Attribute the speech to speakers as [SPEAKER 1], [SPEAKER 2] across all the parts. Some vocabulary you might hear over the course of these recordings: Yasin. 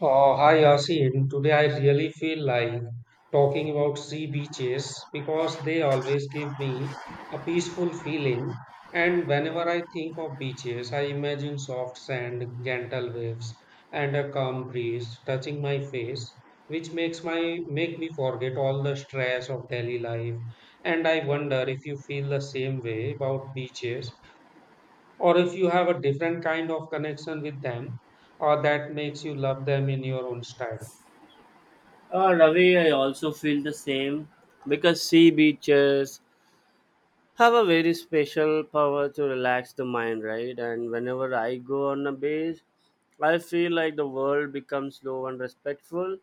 [SPEAKER 1] Oh, hi Yasin. Today I really feel like talking about sea beaches because they always give me a peaceful feeling. And whenever I think of beaches, I imagine soft sand, gentle waves, and a calm breeze touching my face, which makes my make me forget all the stress of daily life. And I wonder if you feel the same way about beaches or if you have a different kind of connection with them or that makes you love them in your own style.
[SPEAKER 2] Ravi, I also feel the same because sea beaches have a very special power to relax the mind, right? And whenever I go on a beach, I feel like the world becomes slow and respectful,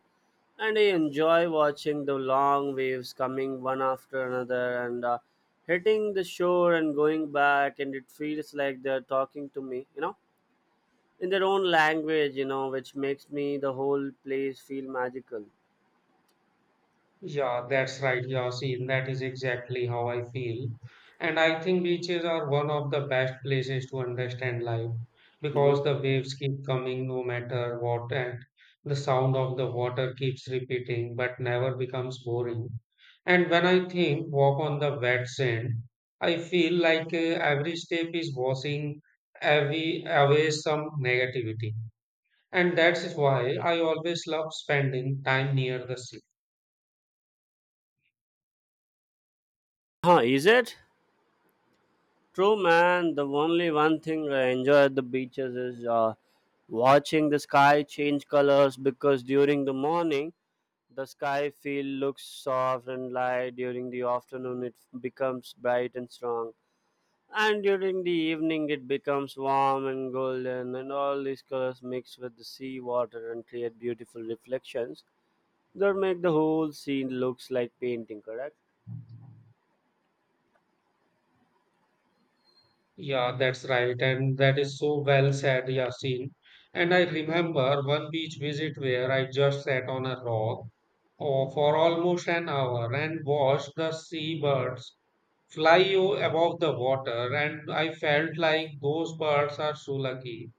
[SPEAKER 2] and I enjoy watching the long waves coming one after another and hitting the shore and going back, and it feels like they're talking to me, in their own language, which makes me the whole place feel magical.
[SPEAKER 1] Yeah, that's right, Yasin. That is exactly how I feel. And I think beaches are one of the best places to understand life
[SPEAKER 2] Hmm.
[SPEAKER 1] because the waves keep coming no matter what, and the sound of the water keeps repeating but never becomes boring. And when I think walk on the wet sand, I feel like every step is washing away some negativity. And that's why I always love spending time near the sea.
[SPEAKER 2] Huh, is it? True, man. The only one thing I enjoy at the beaches is watching the sky change colors because during the morning the sky feel looks soft and light. During the afternoon it becomes bright and strong, and during the evening it becomes warm and golden. And all these colors mix with the sea water and create beautiful reflections that make the whole scene looks like painting. Correct?
[SPEAKER 1] Yeah, that's right. And that is so well said, Yasin. And I remember one beach visit where I just sat on a rock oh, for almost an hour and watched the seabirds above the water. And I felt like those birds are so lucky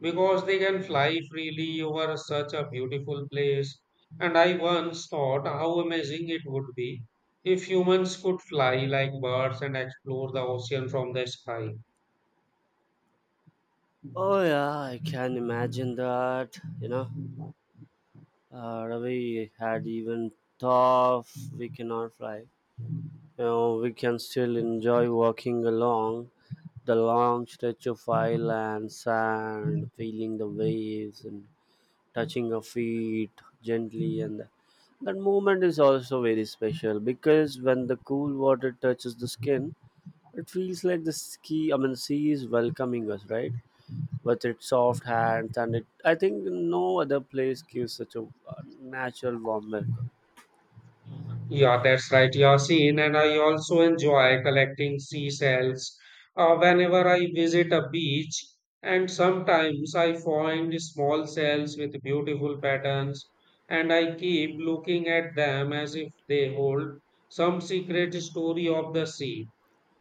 [SPEAKER 1] because they can fly freely over such a beautiful place. And I once thought how amazing it would be if humans could fly like birds and explore the ocean from the sky.
[SPEAKER 2] Oh yeah, I can imagine that. Ravi had even tough we cannot fly. We can still enjoy walking along the long stretch of island sand, feeling the waves and touching our feet gently and that moment is also very special because when the cool water touches the skin, it feels like the ski I mean sea is welcoming us, right? With its soft hands and it I think no other place gives such a uh, natural warm welcome.
[SPEAKER 1] Yeah, that's right, Yasin. And I also enjoy collecting seashells whenever I visit a beach. And sometimes I find small shells with beautiful patterns, and I keep looking at them as if they hold some secret story of the sea.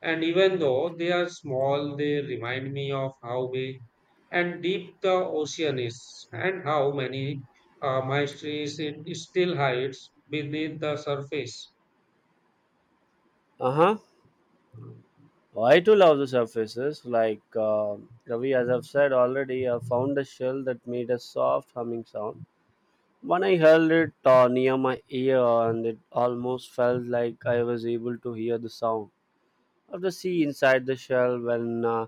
[SPEAKER 1] And even though they are small, they remind me of how big and deep the ocean is and how many mysteries it still hides beneath the surface.
[SPEAKER 2] Uh-huh. I too love the surfaces like Ravi, as I've said already, I found a shell that made a soft humming sound when I held it near my ear and it almost felt like I was able to hear the sound of the sea inside the shell when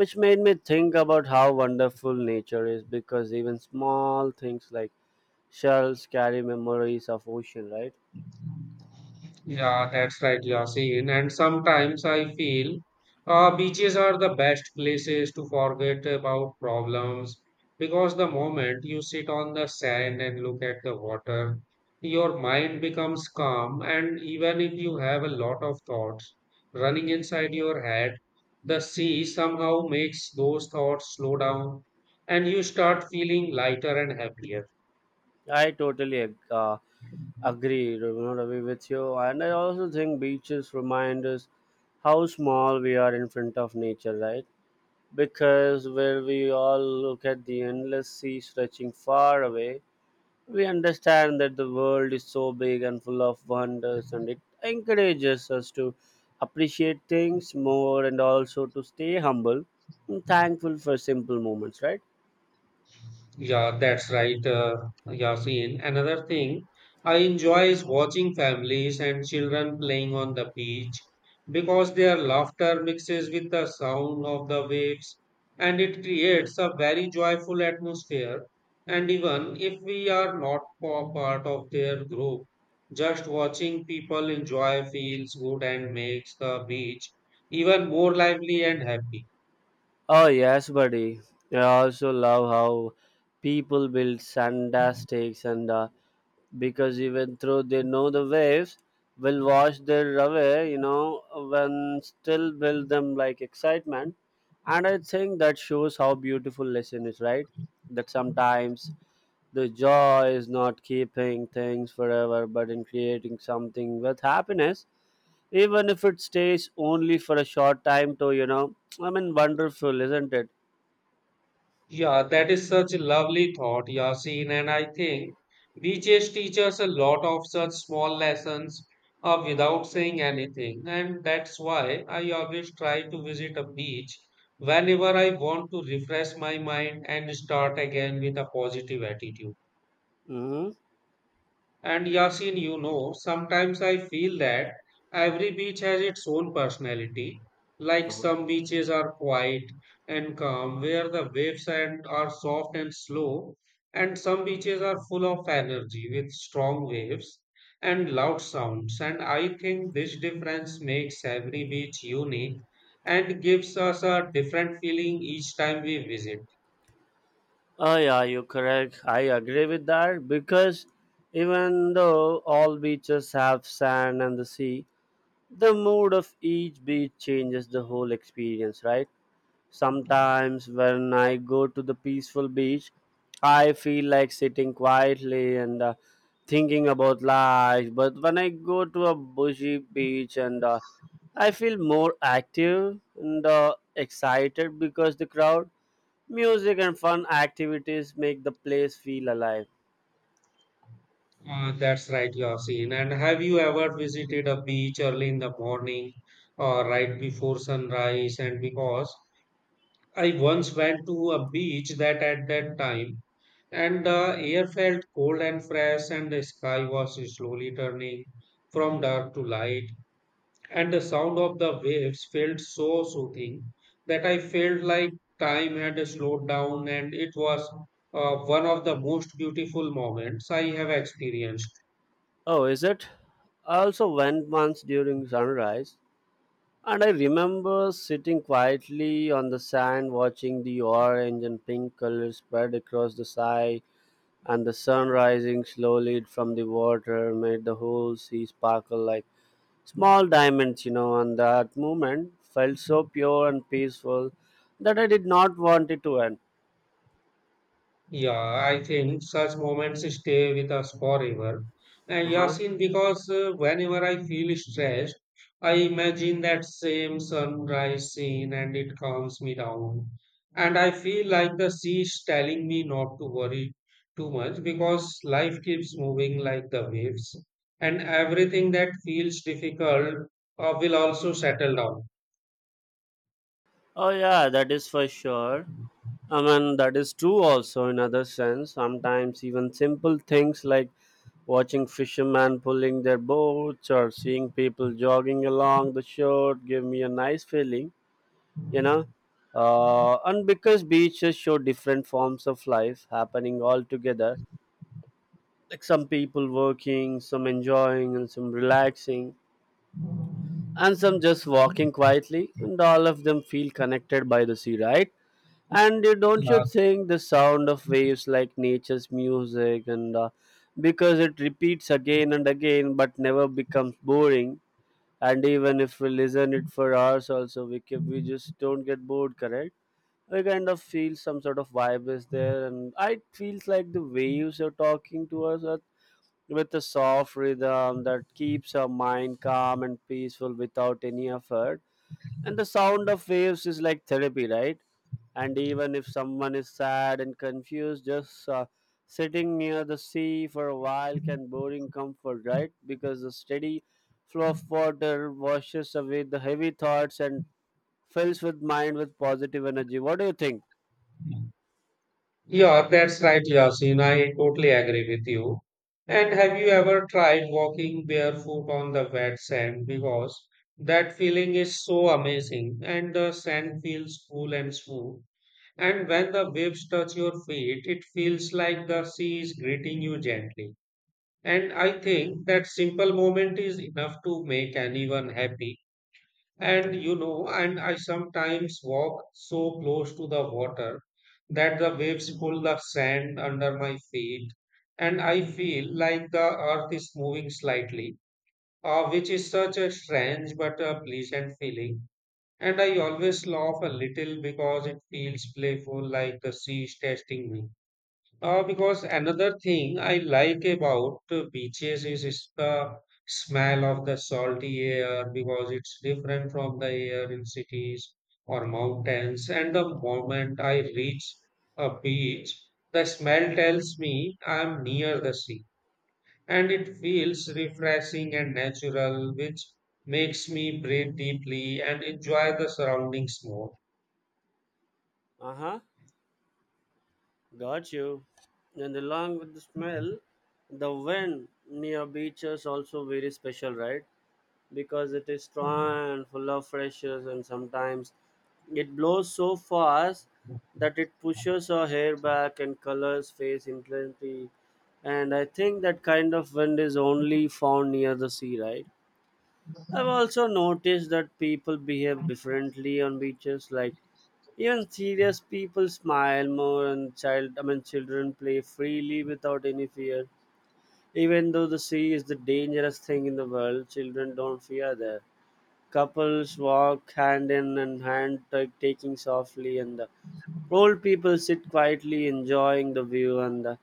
[SPEAKER 2] which made me think about how wonderful nature is because even small things like shells carry memories of ocean, right?
[SPEAKER 1] Yeah, that's right, Yasin. And sometimes I feel beaches are the best places to forget about problems because the moment you sit on the sand and look at the water, your mind becomes calm. And even if you have a lot of thoughts running inside your head, the sea somehow makes those thoughts slow down and you start feeling lighter and happier.
[SPEAKER 2] I totally agree, Ravi, with you and I also think beaches remind us how small we are in front of nature, right? Because where we all look at the endless sea stretching far away we understand that the world is so big and full of wonders and it encourages us to appreciate things more and also to stay humble and thankful for simple moments, right?
[SPEAKER 1] Yeah, that's right, Yasin. Another thing I enjoy is watching families and children playing on the beach because their laughter mixes with the sound of the waves and it creates a very joyful atmosphere. And even if we are not part of their group, just watching people enjoy feels good and makes the beach even more lively and happy.
[SPEAKER 2] Oh yes, buddy. I also love how people build sandbags and because even though they know the waves will wash their away, when still build them like excitement. And I think that shows how beautiful lesson is, right? That sometimes the joy is not keeping things forever, but in creating something with happiness, even if it stays only for a short time. To you know, I mean, wonderful, isn't it?
[SPEAKER 1] Yeah, that is such a lovely thought, Yasin, and I think beaches teach us a lot of such small lessons without saying anything. And that's why I always try to visit a beach whenever I want to refresh my mind and start again with a positive attitude.
[SPEAKER 2] Hmm.
[SPEAKER 1] And Yasin, you know, sometimes I feel that every beach has its own personality. Like
[SPEAKER 2] Oh
[SPEAKER 1] some beaches are quiet and calm, where the waves and are soft and slow, and some beaches are full of energy with strong waves and loud sounds. And I think this difference makes every beach unique and gives us a different feeling each time we visit.
[SPEAKER 2] yeah, you're correct. I agree with that because even though all beaches have sand and the sea, the mood of each beach changes the whole experience, right? Sometimes when I go to the peaceful beach, I feel like sitting quietly and thinking about life. But when I go to a bushy beach and I feel more active and excited because the crowd, music, and fun activities make the place feel alive.
[SPEAKER 1] That's right, Yasin. And have you ever visited a beach early in the morning or right before sunrise? And because I once went to a beach that at that time, and the air felt cold and fresh, and the sky was slowly turning from dark to light, and the sound of the waves felt so soothing that I felt like time had slowed down, and it was one of the most beautiful moments I have experienced.
[SPEAKER 2] Oh, is it? I also went once during sunrise. And I remember sitting quietly on the sand watching the orange and pink color spread across the sky and the sun rising slowly from the water made the whole sea sparkle like small diamonds, you know, and that moment felt so pure and peaceful that I did not want it to end.
[SPEAKER 1] Yeah, I think such moments stay with us forever. And
[SPEAKER 2] Uh-huh.
[SPEAKER 1] Yasin, because whenever I feel stressed, I imagine that same sunrise scene and it calms me down. And I feel like the sea is telling me not to worry too much because life keeps moving like the waves. And everything that feels difficult will also settle down.
[SPEAKER 2] Oh yeah, that is for sure. I mean that is true also in other sense. Sometimes even simple things like watching fishermen pulling their boats or seeing people jogging along the shore give me a nice feeling, you know. And because beaches show different forms of life happening all together, like some people working, some enjoying, and some relaxing, and some just walking quietly, and all of them feel connected by the sea, right? And you don't you
[SPEAKER 1] Yeah,
[SPEAKER 2] think the sound of waves like nature's music and because it repeats again and again but never becomes boring and even if we listen it for hours also we just don't get bored, correct? We kind of feel some sort of vibe is there and I feels like the waves are talking to us at- with a soft rhythm that keeps our mind calm and peaceful without any effort and the sound of waves is like therapy, right? And even if someone is sad and confused just sitting near the sea for a while can bring comfort, right? Because the steady flow of water washes away the heavy thoughts and fills with mind with positive energy, what do you think?
[SPEAKER 1] Yeah, that's right, Yasin. I totally agree with you. And have you ever tried walking barefoot on the wet sand? Because that feeling is so amazing, and the sand feels cool and smooth. And when the waves touch your feet, it feels like the sea is greeting you gently. And I think that simple moment is enough to make anyone happy. And you know, and I sometimes walk so close to the water that the waves pull the sand under my feet, and I feel like the earth is moving slightly, which is such a strange but a pleasant feeling. And I always laugh a little because it feels playful, like the sea is testing me. Because another thing I like about beaches is the smell of the salty air because it's different from the air in cities or mountains. And the moment I reach a beach, the smell tells me I'm near the sea. And it feels refreshing and natural, which makes me breathe deeply and enjoy the surroundings more.
[SPEAKER 2] Uh-huh. Got you. And along with the smell the wind near beaches also very special, right? Because it is strong and full of freshers and sometimes it blows so fast that it pushes our hair back and colors face in plenty and I think that kind of wind is only found near the sea, right? I've also noticed that people behave differently on beaches like even serious people smile more and child I mean children play freely without any fear even though the sea is the dangerous thing in the world children don't fear there. Couples walk hand in and hand, ta- taking softly, and the old people sit quietly, enjoying the view. And the,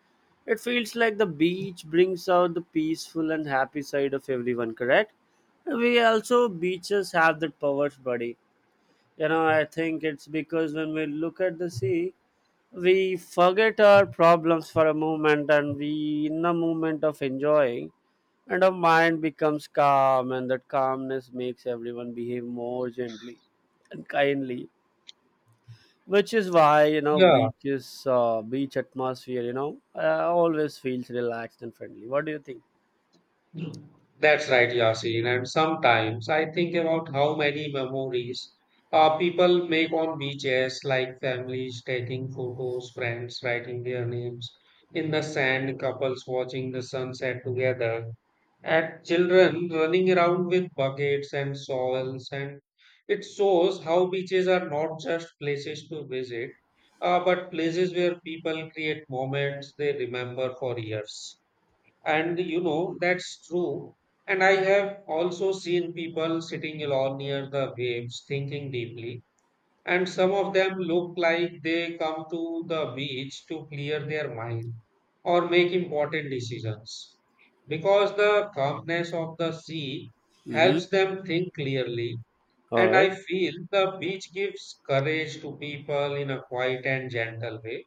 [SPEAKER 2] it feels like the beach brings out the peaceful and happy side of everyone. Correct? We also beaches have that power, buddy. You know, I think it's because when we look at the sea, we forget our problems for a moment, and we in the moment of enjoying and our mind becomes calm and that calmness makes everyone behave more gently and kindly which is why you know
[SPEAKER 1] Yeah.
[SPEAKER 2] beaches beach atmosphere you know always feels relaxed and friendly, what do you think?
[SPEAKER 1] That's right, Yasin. And sometimes I think about how many memories people make on beaches, like families taking photos, friends writing their names in the sand, couples watching the sunset together, and children running around with buckets and soils. And it shows how beaches are not just places to visit, but places where people create moments they remember for years. And you know, that's true. And I have also seen people sitting alone near the waves, thinking deeply. And some of them look like they come to the beach to clear their mind or make important decisions. Because the calmness of the sea
[SPEAKER 2] Mm-hmm.
[SPEAKER 1] helps them think clearly.
[SPEAKER 2] All
[SPEAKER 1] And
[SPEAKER 2] right.
[SPEAKER 1] I feel the beach gives courage to people in a quiet and gentle way.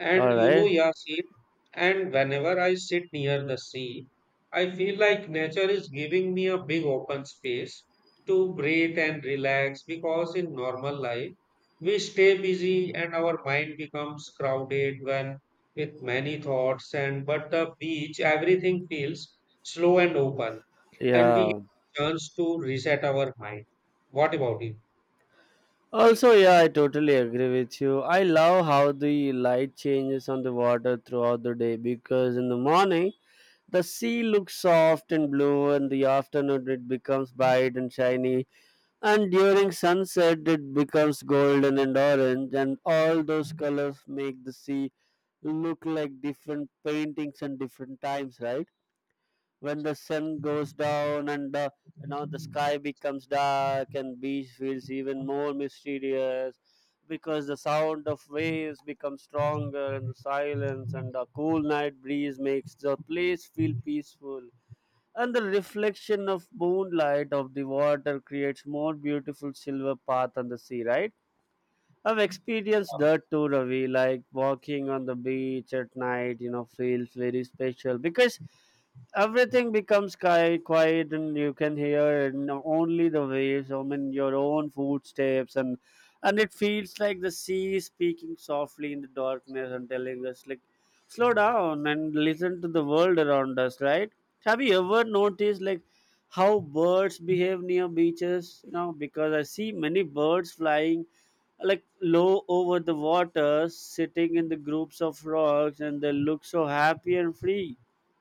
[SPEAKER 1] And
[SPEAKER 2] All
[SPEAKER 1] you know,
[SPEAKER 2] right.
[SPEAKER 1] Yasin, and whenever I sit near the sea, I feel like nature is giving me a big open space to breathe and relax because in normal life, we stay busy and our mind becomes crowded when with many thoughts and but the beach everything feels slow and open and we
[SPEAKER 2] Yeah.
[SPEAKER 1] get a chance to reset our mind. What about you?
[SPEAKER 2] Also, yeah, I totally agree with you. I love how the light changes on the water throughout the day because in the morning the sea looks soft and blue, and the afternoon it becomes bright and shiny, and during sunset it becomes golden and orange, and all those colors make the sea look like different paintings and different times, right? When the sun goes down and you know the sky becomes dark and beach feels even more mysterious because the sound of waves becomes stronger and the silence and a cool night breeze makes the place feel peaceful and the reflection of moonlight of the water creates more beautiful silver path on the sea, right? I've experienced that too, Ravi. Like walking on the beach at night, you know, feels very special because everything becomes quiet, and you can hear and only the waves. I mean, your own footsteps, and it feels like the sea is speaking softly in the darkness and telling us, like, slow down and listen to the world around us. Right? Have you ever noticed like how birds behave near beaches? You know, because I see many birds flying like low over the water, sitting in the groups of rocks, and they look so happy and free.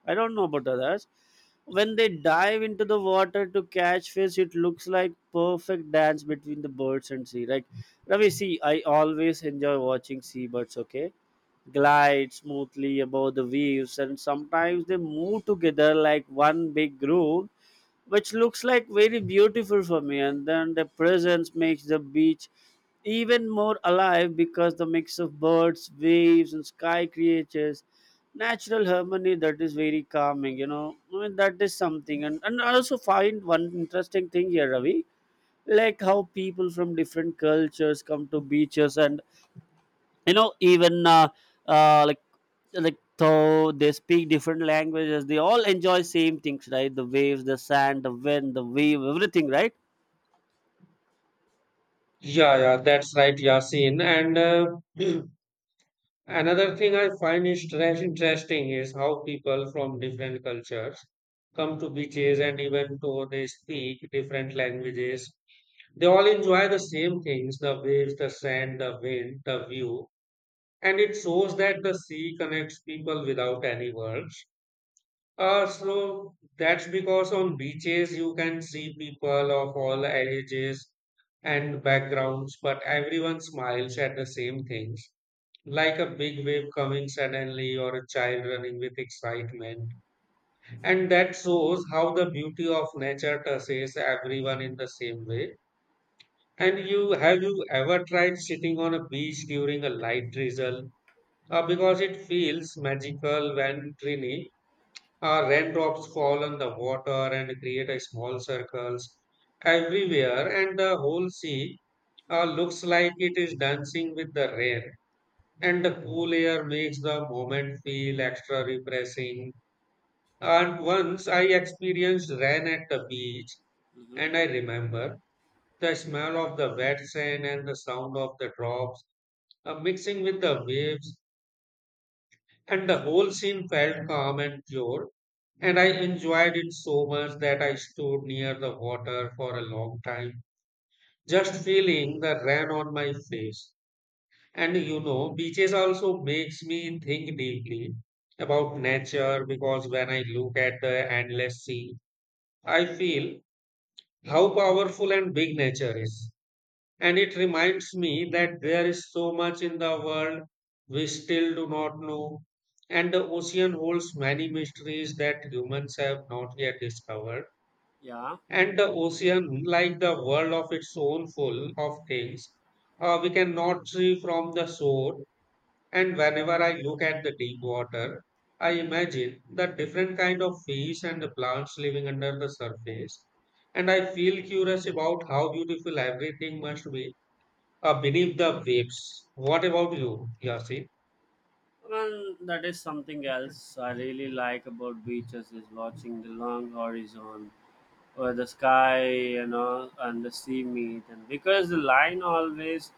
[SPEAKER 2] I don't know about others. When they dive into the water to catch fish, it looks like perfect dance between the birds and sea. Like Ravi, see, I always enjoy watching seabirds. Okay, glide smoothly above the waves, and sometimes they move together like one big group which looks like very beautiful for me and then the presence makes the beach even more alive because the mix of birds waves and sky creatures natural harmony that is very calming, you know, I mean that is something and I also find one interesting thing here, Ravi, like how people from different cultures come to beaches and you know even uh, like like though they speak different languages they all enjoy same things, right? The waves, the sand, the wind, the wave, everything, right?
[SPEAKER 1] Yeah, that's right, Yasin. And another thing I find is trash interesting is how people from different cultures come to beaches and even though they speak different languages, they all enjoy the same things, the waves, the sand, the wind, the view. And it shows that the sea connects people without any words. So that's because on beaches you can see people of all ages and backgrounds, but everyone smiles at the same things like a big wave coming suddenly or a child running with excitement. And that shows how the beauty of nature touches everyone in the same way. And you have you ever tried sitting on a beach during a light drizzle? Because it feels magical when tiny raindrops fall on the water and create a small circles everywhere, and the whole sea looks like it is dancing with the rain and the cool air makes the moment feel extra refreshing. And once I experienced rain at the beach, and I remember the smell of the wet sand and the sound of the drops mixing with the waves, and the whole scene felt calm and pure. And I enjoyed it so much that I stood near the water for a long time, just feeling the rain on my face. And you know, beaches also makes me think deeply about nature because when I look at the endless sea, I feel how powerful and big nature is. And it reminds me that there is so much in the world we still do not know. And the ocean holds many mysteries that humans have not yet discovered.
[SPEAKER 2] Yeah.
[SPEAKER 1] And the ocean, like the world of its own, full of things we cannot see from the shore and whenever I look at the deep water, I imagine the different kind of fish and the plants living under the surface. And I feel curious about how beautiful everything must be beneath the waves. What about you, Yasin?
[SPEAKER 2] Well, that is something else I really like about beaches is watching the long horizon where the sky, you know, and the sea meet. And because the line always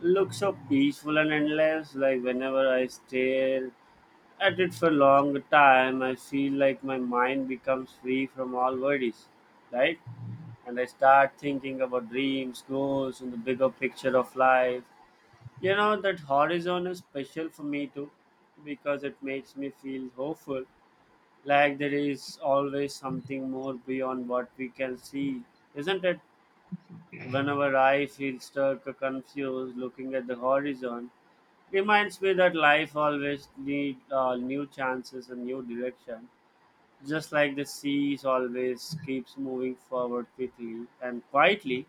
[SPEAKER 2] looks so peaceful and endless, like whenever I stare at it for a long time, I feel like my mind becomes free from all worries, right? And I start thinking about dreams, goals, and the bigger picture of life. You know, that horizon is special for me too because it makes me feel hopeful. Like there is always something more beyond what we can see, isn't it? Whenever I feel stuck or confused looking at the horizon, reminds me that life always needs new chances and new direction. Just like the seas always keeps moving forward quickly and quietly,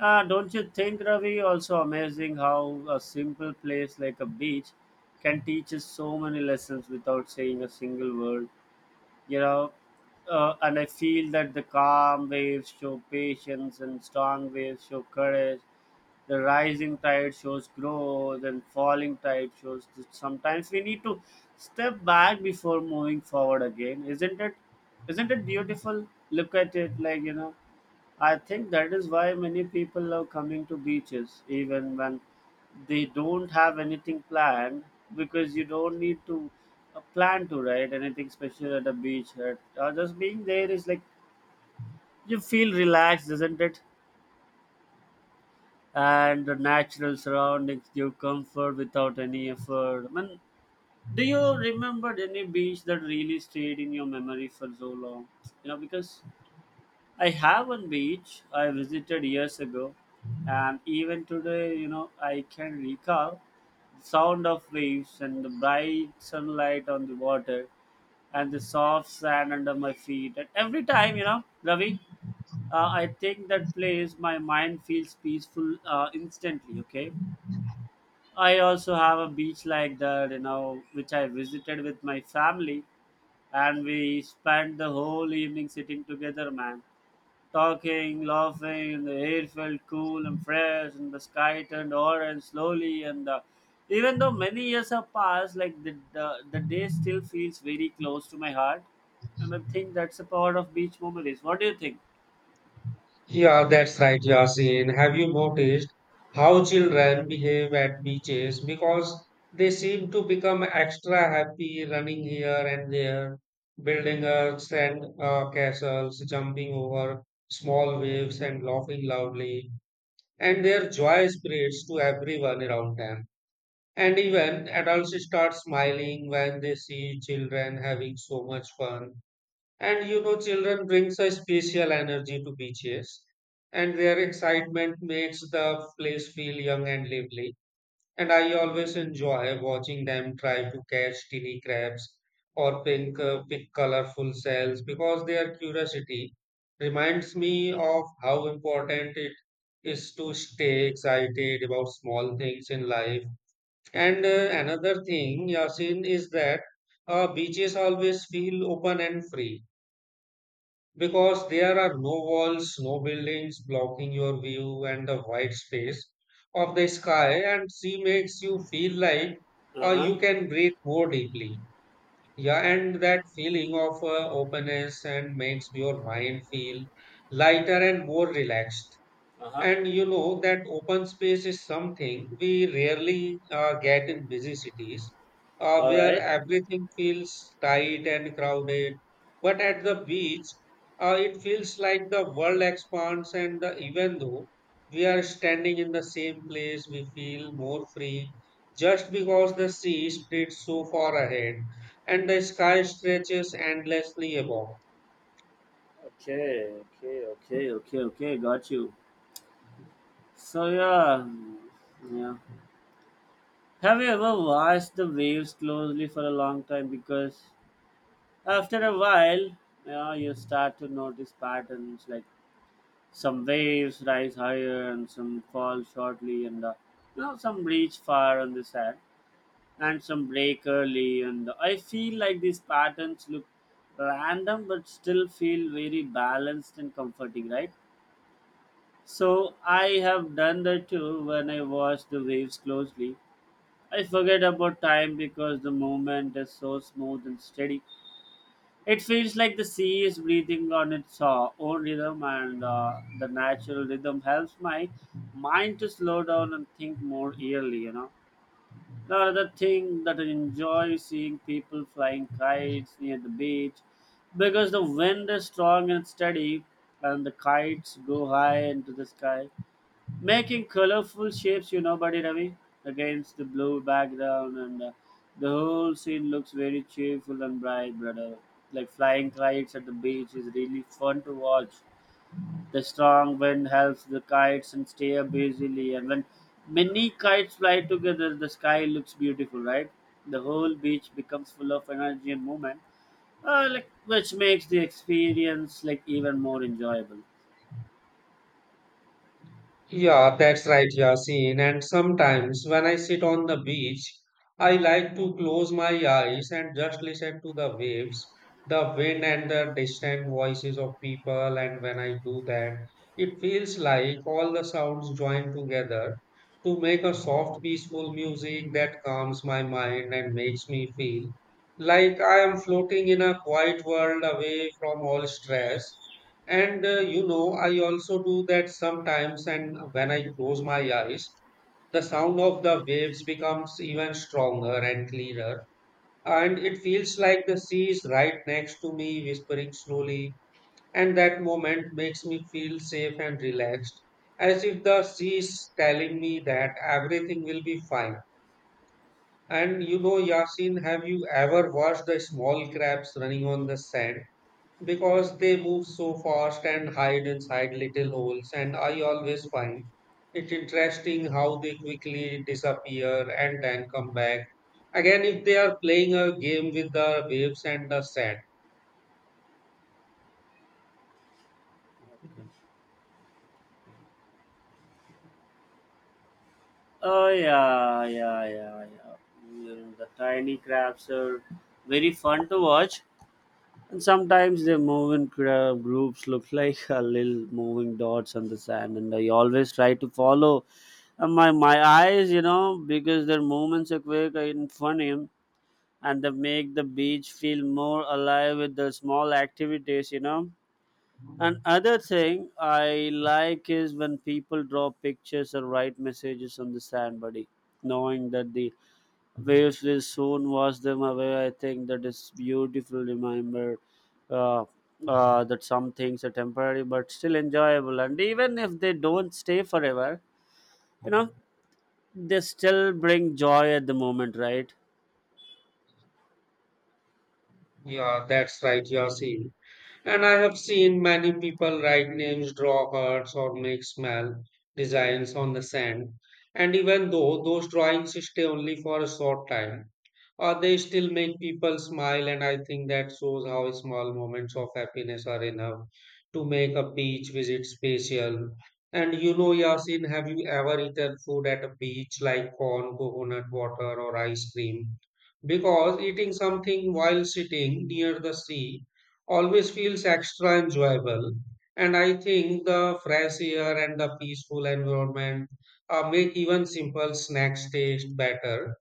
[SPEAKER 2] don't you think, Ravi? Also amazing how a simple place like a beach can teach us so many lessons without saying a single word. You know, and I feel that the calm waves show patience and strong waves show courage, the rising tide shows growth and falling tide shows that sometimes we need to step back before moving forward again, isn't it? Isn't it beautiful? Look at it. I think that is why many people love coming to beaches even when they don't have anything planned, because you don't need to plan to write anything special at a beach, or just being there is like you feel relaxed, isn't it? And the natural surroundings give comfort without any effort. I mean, do you remember any beach that really stayed in your memory for so long? You know, because I have one beach I visited years ago, and even today, you know, I can recall the sound of waves and the bright sunlight on the water and the soft sand under my feet. And every time, you know, Ravi, I think that place my mind feels peaceful instantly. Okay, I also have a beach like that, you know, which I visited with my family, and we spent the whole evening sitting together, man, talking, laughing, and the air felt cool and fresh, and the sky turned orange slowly, and even though many years have passed, like the day still feels very close to my heart, and I think that's a part of beach memories. What do you think?
[SPEAKER 1] Yeah, that's right, Yasin. Have you noticed how children behave at beaches? Because they seem to become extra happy running here and there, building sand castles, jumping over small waves and laughing loudly. And their joy spreads to everyone around them. And even adults start smiling when they see children having so much fun. And you know, children brings a special energy to beaches, and their excitement makes the place feel young and lively. And I always enjoy watching them try to catch tiny crabs or pick colorful shells because their curiosity reminds me of how important it is to stay excited about small things in life. And Another thing, Yasin, is that beaches always feel open and free because there are no walls, no buildings blocking your view, and the wide space of the sky and sea makes you feel like
[SPEAKER 2] Uh huh.
[SPEAKER 1] you can breathe more deeply. Yeah, and that feeling of openness and makes your mind feel lighter and more relaxed.
[SPEAKER 2] Uh huh.
[SPEAKER 1] And you know that open space is something we rarely get in busy cities,
[SPEAKER 2] All
[SPEAKER 1] where
[SPEAKER 2] right.
[SPEAKER 1] everything feels tight and crowded. But at the beach, it feels like the world expands, and the, even though we are standing in the same place, we feel more free just because the sea spreads so far ahead and the sky stretches endlessly above.
[SPEAKER 2] Okay. Okay. Okay. Okay. Okay. Got you. So yeah, yeah. Have you ever watched the waves closely for a long time? Because after a while, yeah, you start to notice patterns like some waves rise higher and some fall shortly, and you know, some reach far on the sand and some break early. And I feel like these patterns look random, but still feel very balanced and comforting, right? So I have done that too when I watch the waves closely. I forget about time because the movement is so smooth and steady. It feels like the sea is breathing on its own rhythm, and the natural rhythm helps my mind to slow down and think more clearly. You know, the other thing that I enjoy seeing people flying kites near the beach, because the wind is strong and steady, and the kites go high into the sky making colorful shapes, you know, buddy Ravi, against the blue background, and the whole scene looks very cheerful and bright, brother. Like, flying kites at the beach is really fun to watch. The strong wind helps the kites and stay up easily, and when many kites fly together the sky looks beautiful, right? The whole beach becomes full of energy and movement, like, which makes the experience like even more enjoyable.
[SPEAKER 1] Yeah, that's right, Yasin. And sometimes when I sit on the beach, I like to close my eyes and just listen to the waves, the wind, and the distant voices of people. And when I do that, it feels like all the sounds join together to make a soft, peaceful music that calms my mind and makes me feel like I am floating in a quiet world away from all stress. And I also do that sometimes, and when I close my eyes, the sound of the waves becomes even stronger and clearer. And it feels like the sea is right next to me, whispering slowly. And that moment makes me feel safe and relaxed, as if the sea is telling me that everything will be fine. And Yasin, have you ever watched the small crabs running on the sand? Because they move so fast and hide inside little holes, and I always find it interesting how they quickly disappear and then come back. Again, if they are playing a game with the waves and the sand.
[SPEAKER 2] Oh yeah, yeah, yeah, yeah. Mm, the tiny crabs are very fun to watch, and sometimes they move in groups, look like a little moving dots on the sand. And I always try to follow my eyes, you know, because their movements are quick and funny, and they make the beach feel more alive with the small activities, you know. Another thing I like is when people draw pictures or write messages on the sand, buddy. Knowing that the waves will soon wash them away, I think that is beautiful. Remember uh, that some things are temporary but still enjoyable, and even if they don't stay forever, you know, they still bring joy at the moment, right?
[SPEAKER 1] Yeah, that's right, Yasi. And I have seen many people write names, draw hearts, or make small designs on the sand. And even though those drawings stay only for a short time, they still make people smile. And I think that shows how small moments of happiness are enough to make a beach visit special. And Yasin, have you ever eaten food at a beach like corn, coconut water, or ice cream? Because eating something while sitting near the sea always feels extra enjoyable. And I think the fresh air and the peaceful environment make even simple snacks taste better.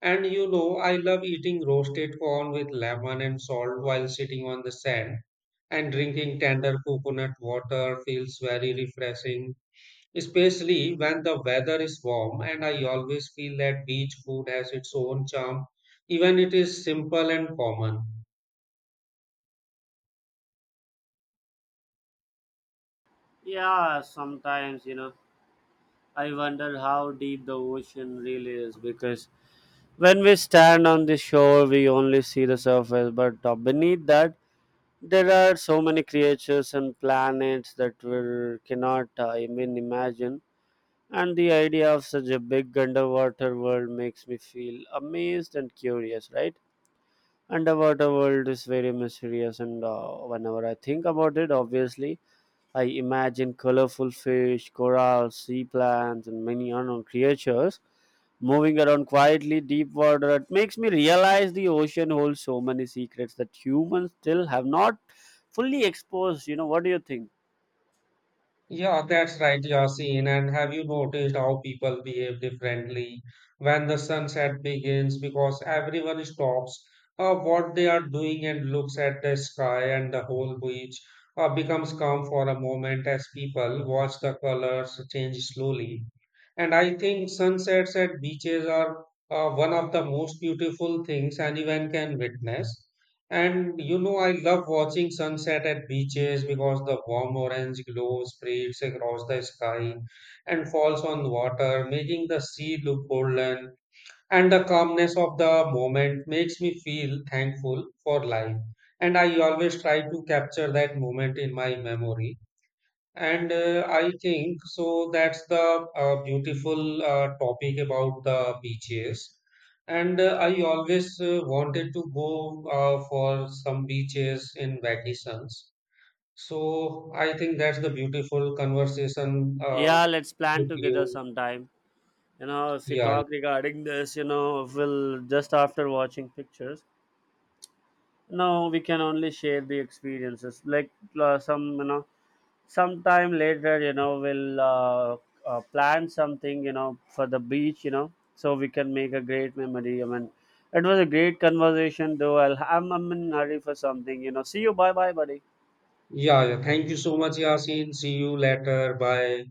[SPEAKER 1] And I love eating roasted corn with lemon and salt while sitting on the sand. And drinking tender coconut water feels very refreshing, especially when the weather is warm. And I always feel that beach food has its own charm, even it is simple and common.
[SPEAKER 2] Yeah, sometimes, you know, I wonder how deep the ocean really is, because when we stand on the shore, we only see the surface, but beneath that, there are so many creatures and planets that we cannot even imagine. And the idea of such a big underwater world makes me feel amazed and curious, right? Underwater world is very mysterious, and whenever I think about it, obviously, I imagine colorful fish, corals, sea plants, and many unknown creatures moving around quietly, deep water. It makes me realize the ocean holds so many secrets that humans still have not fully exposed. You know, what do you think?
[SPEAKER 1] Yeah, that's right, Yasin. And have you noticed how people behave differently when the sunset begins? Because everyone stops what they are doing and looks at the sky, and the whole beach becomes calm for a moment as people watch the colors change slowly. And I think sunsets at beaches are one of the most beautiful things anyone can witness. And I love watching sunset at beaches because the warm orange glow spreads across the sky and falls on water, making the sea look golden. And the calmness of the moment makes me feel thankful for life. And I always try to capture that moment in my memory and I think so that's the beautiful topic about the beaches. And I always wanted to go for some beaches in vacations. So I think that's the beautiful conversation
[SPEAKER 2] Yeah, let's plan
[SPEAKER 1] with
[SPEAKER 2] together
[SPEAKER 1] you.
[SPEAKER 2] sometime. You know, if we
[SPEAKER 1] Yeah,
[SPEAKER 2] talk regarding this, you know, we'll just after watching pictures. No, we can only share the experiences. Like, some, you know, sometime later, you know, we'll plan something, you know, for the beach, you know, so we can make a great memory. I mean, it was a great conversation, though. I'll, I'm in a hurry for something, you know. See you, bye bye, buddy.
[SPEAKER 1] yeah, yeah, yeah. Thank you so much, Yasin. See you later. Bye.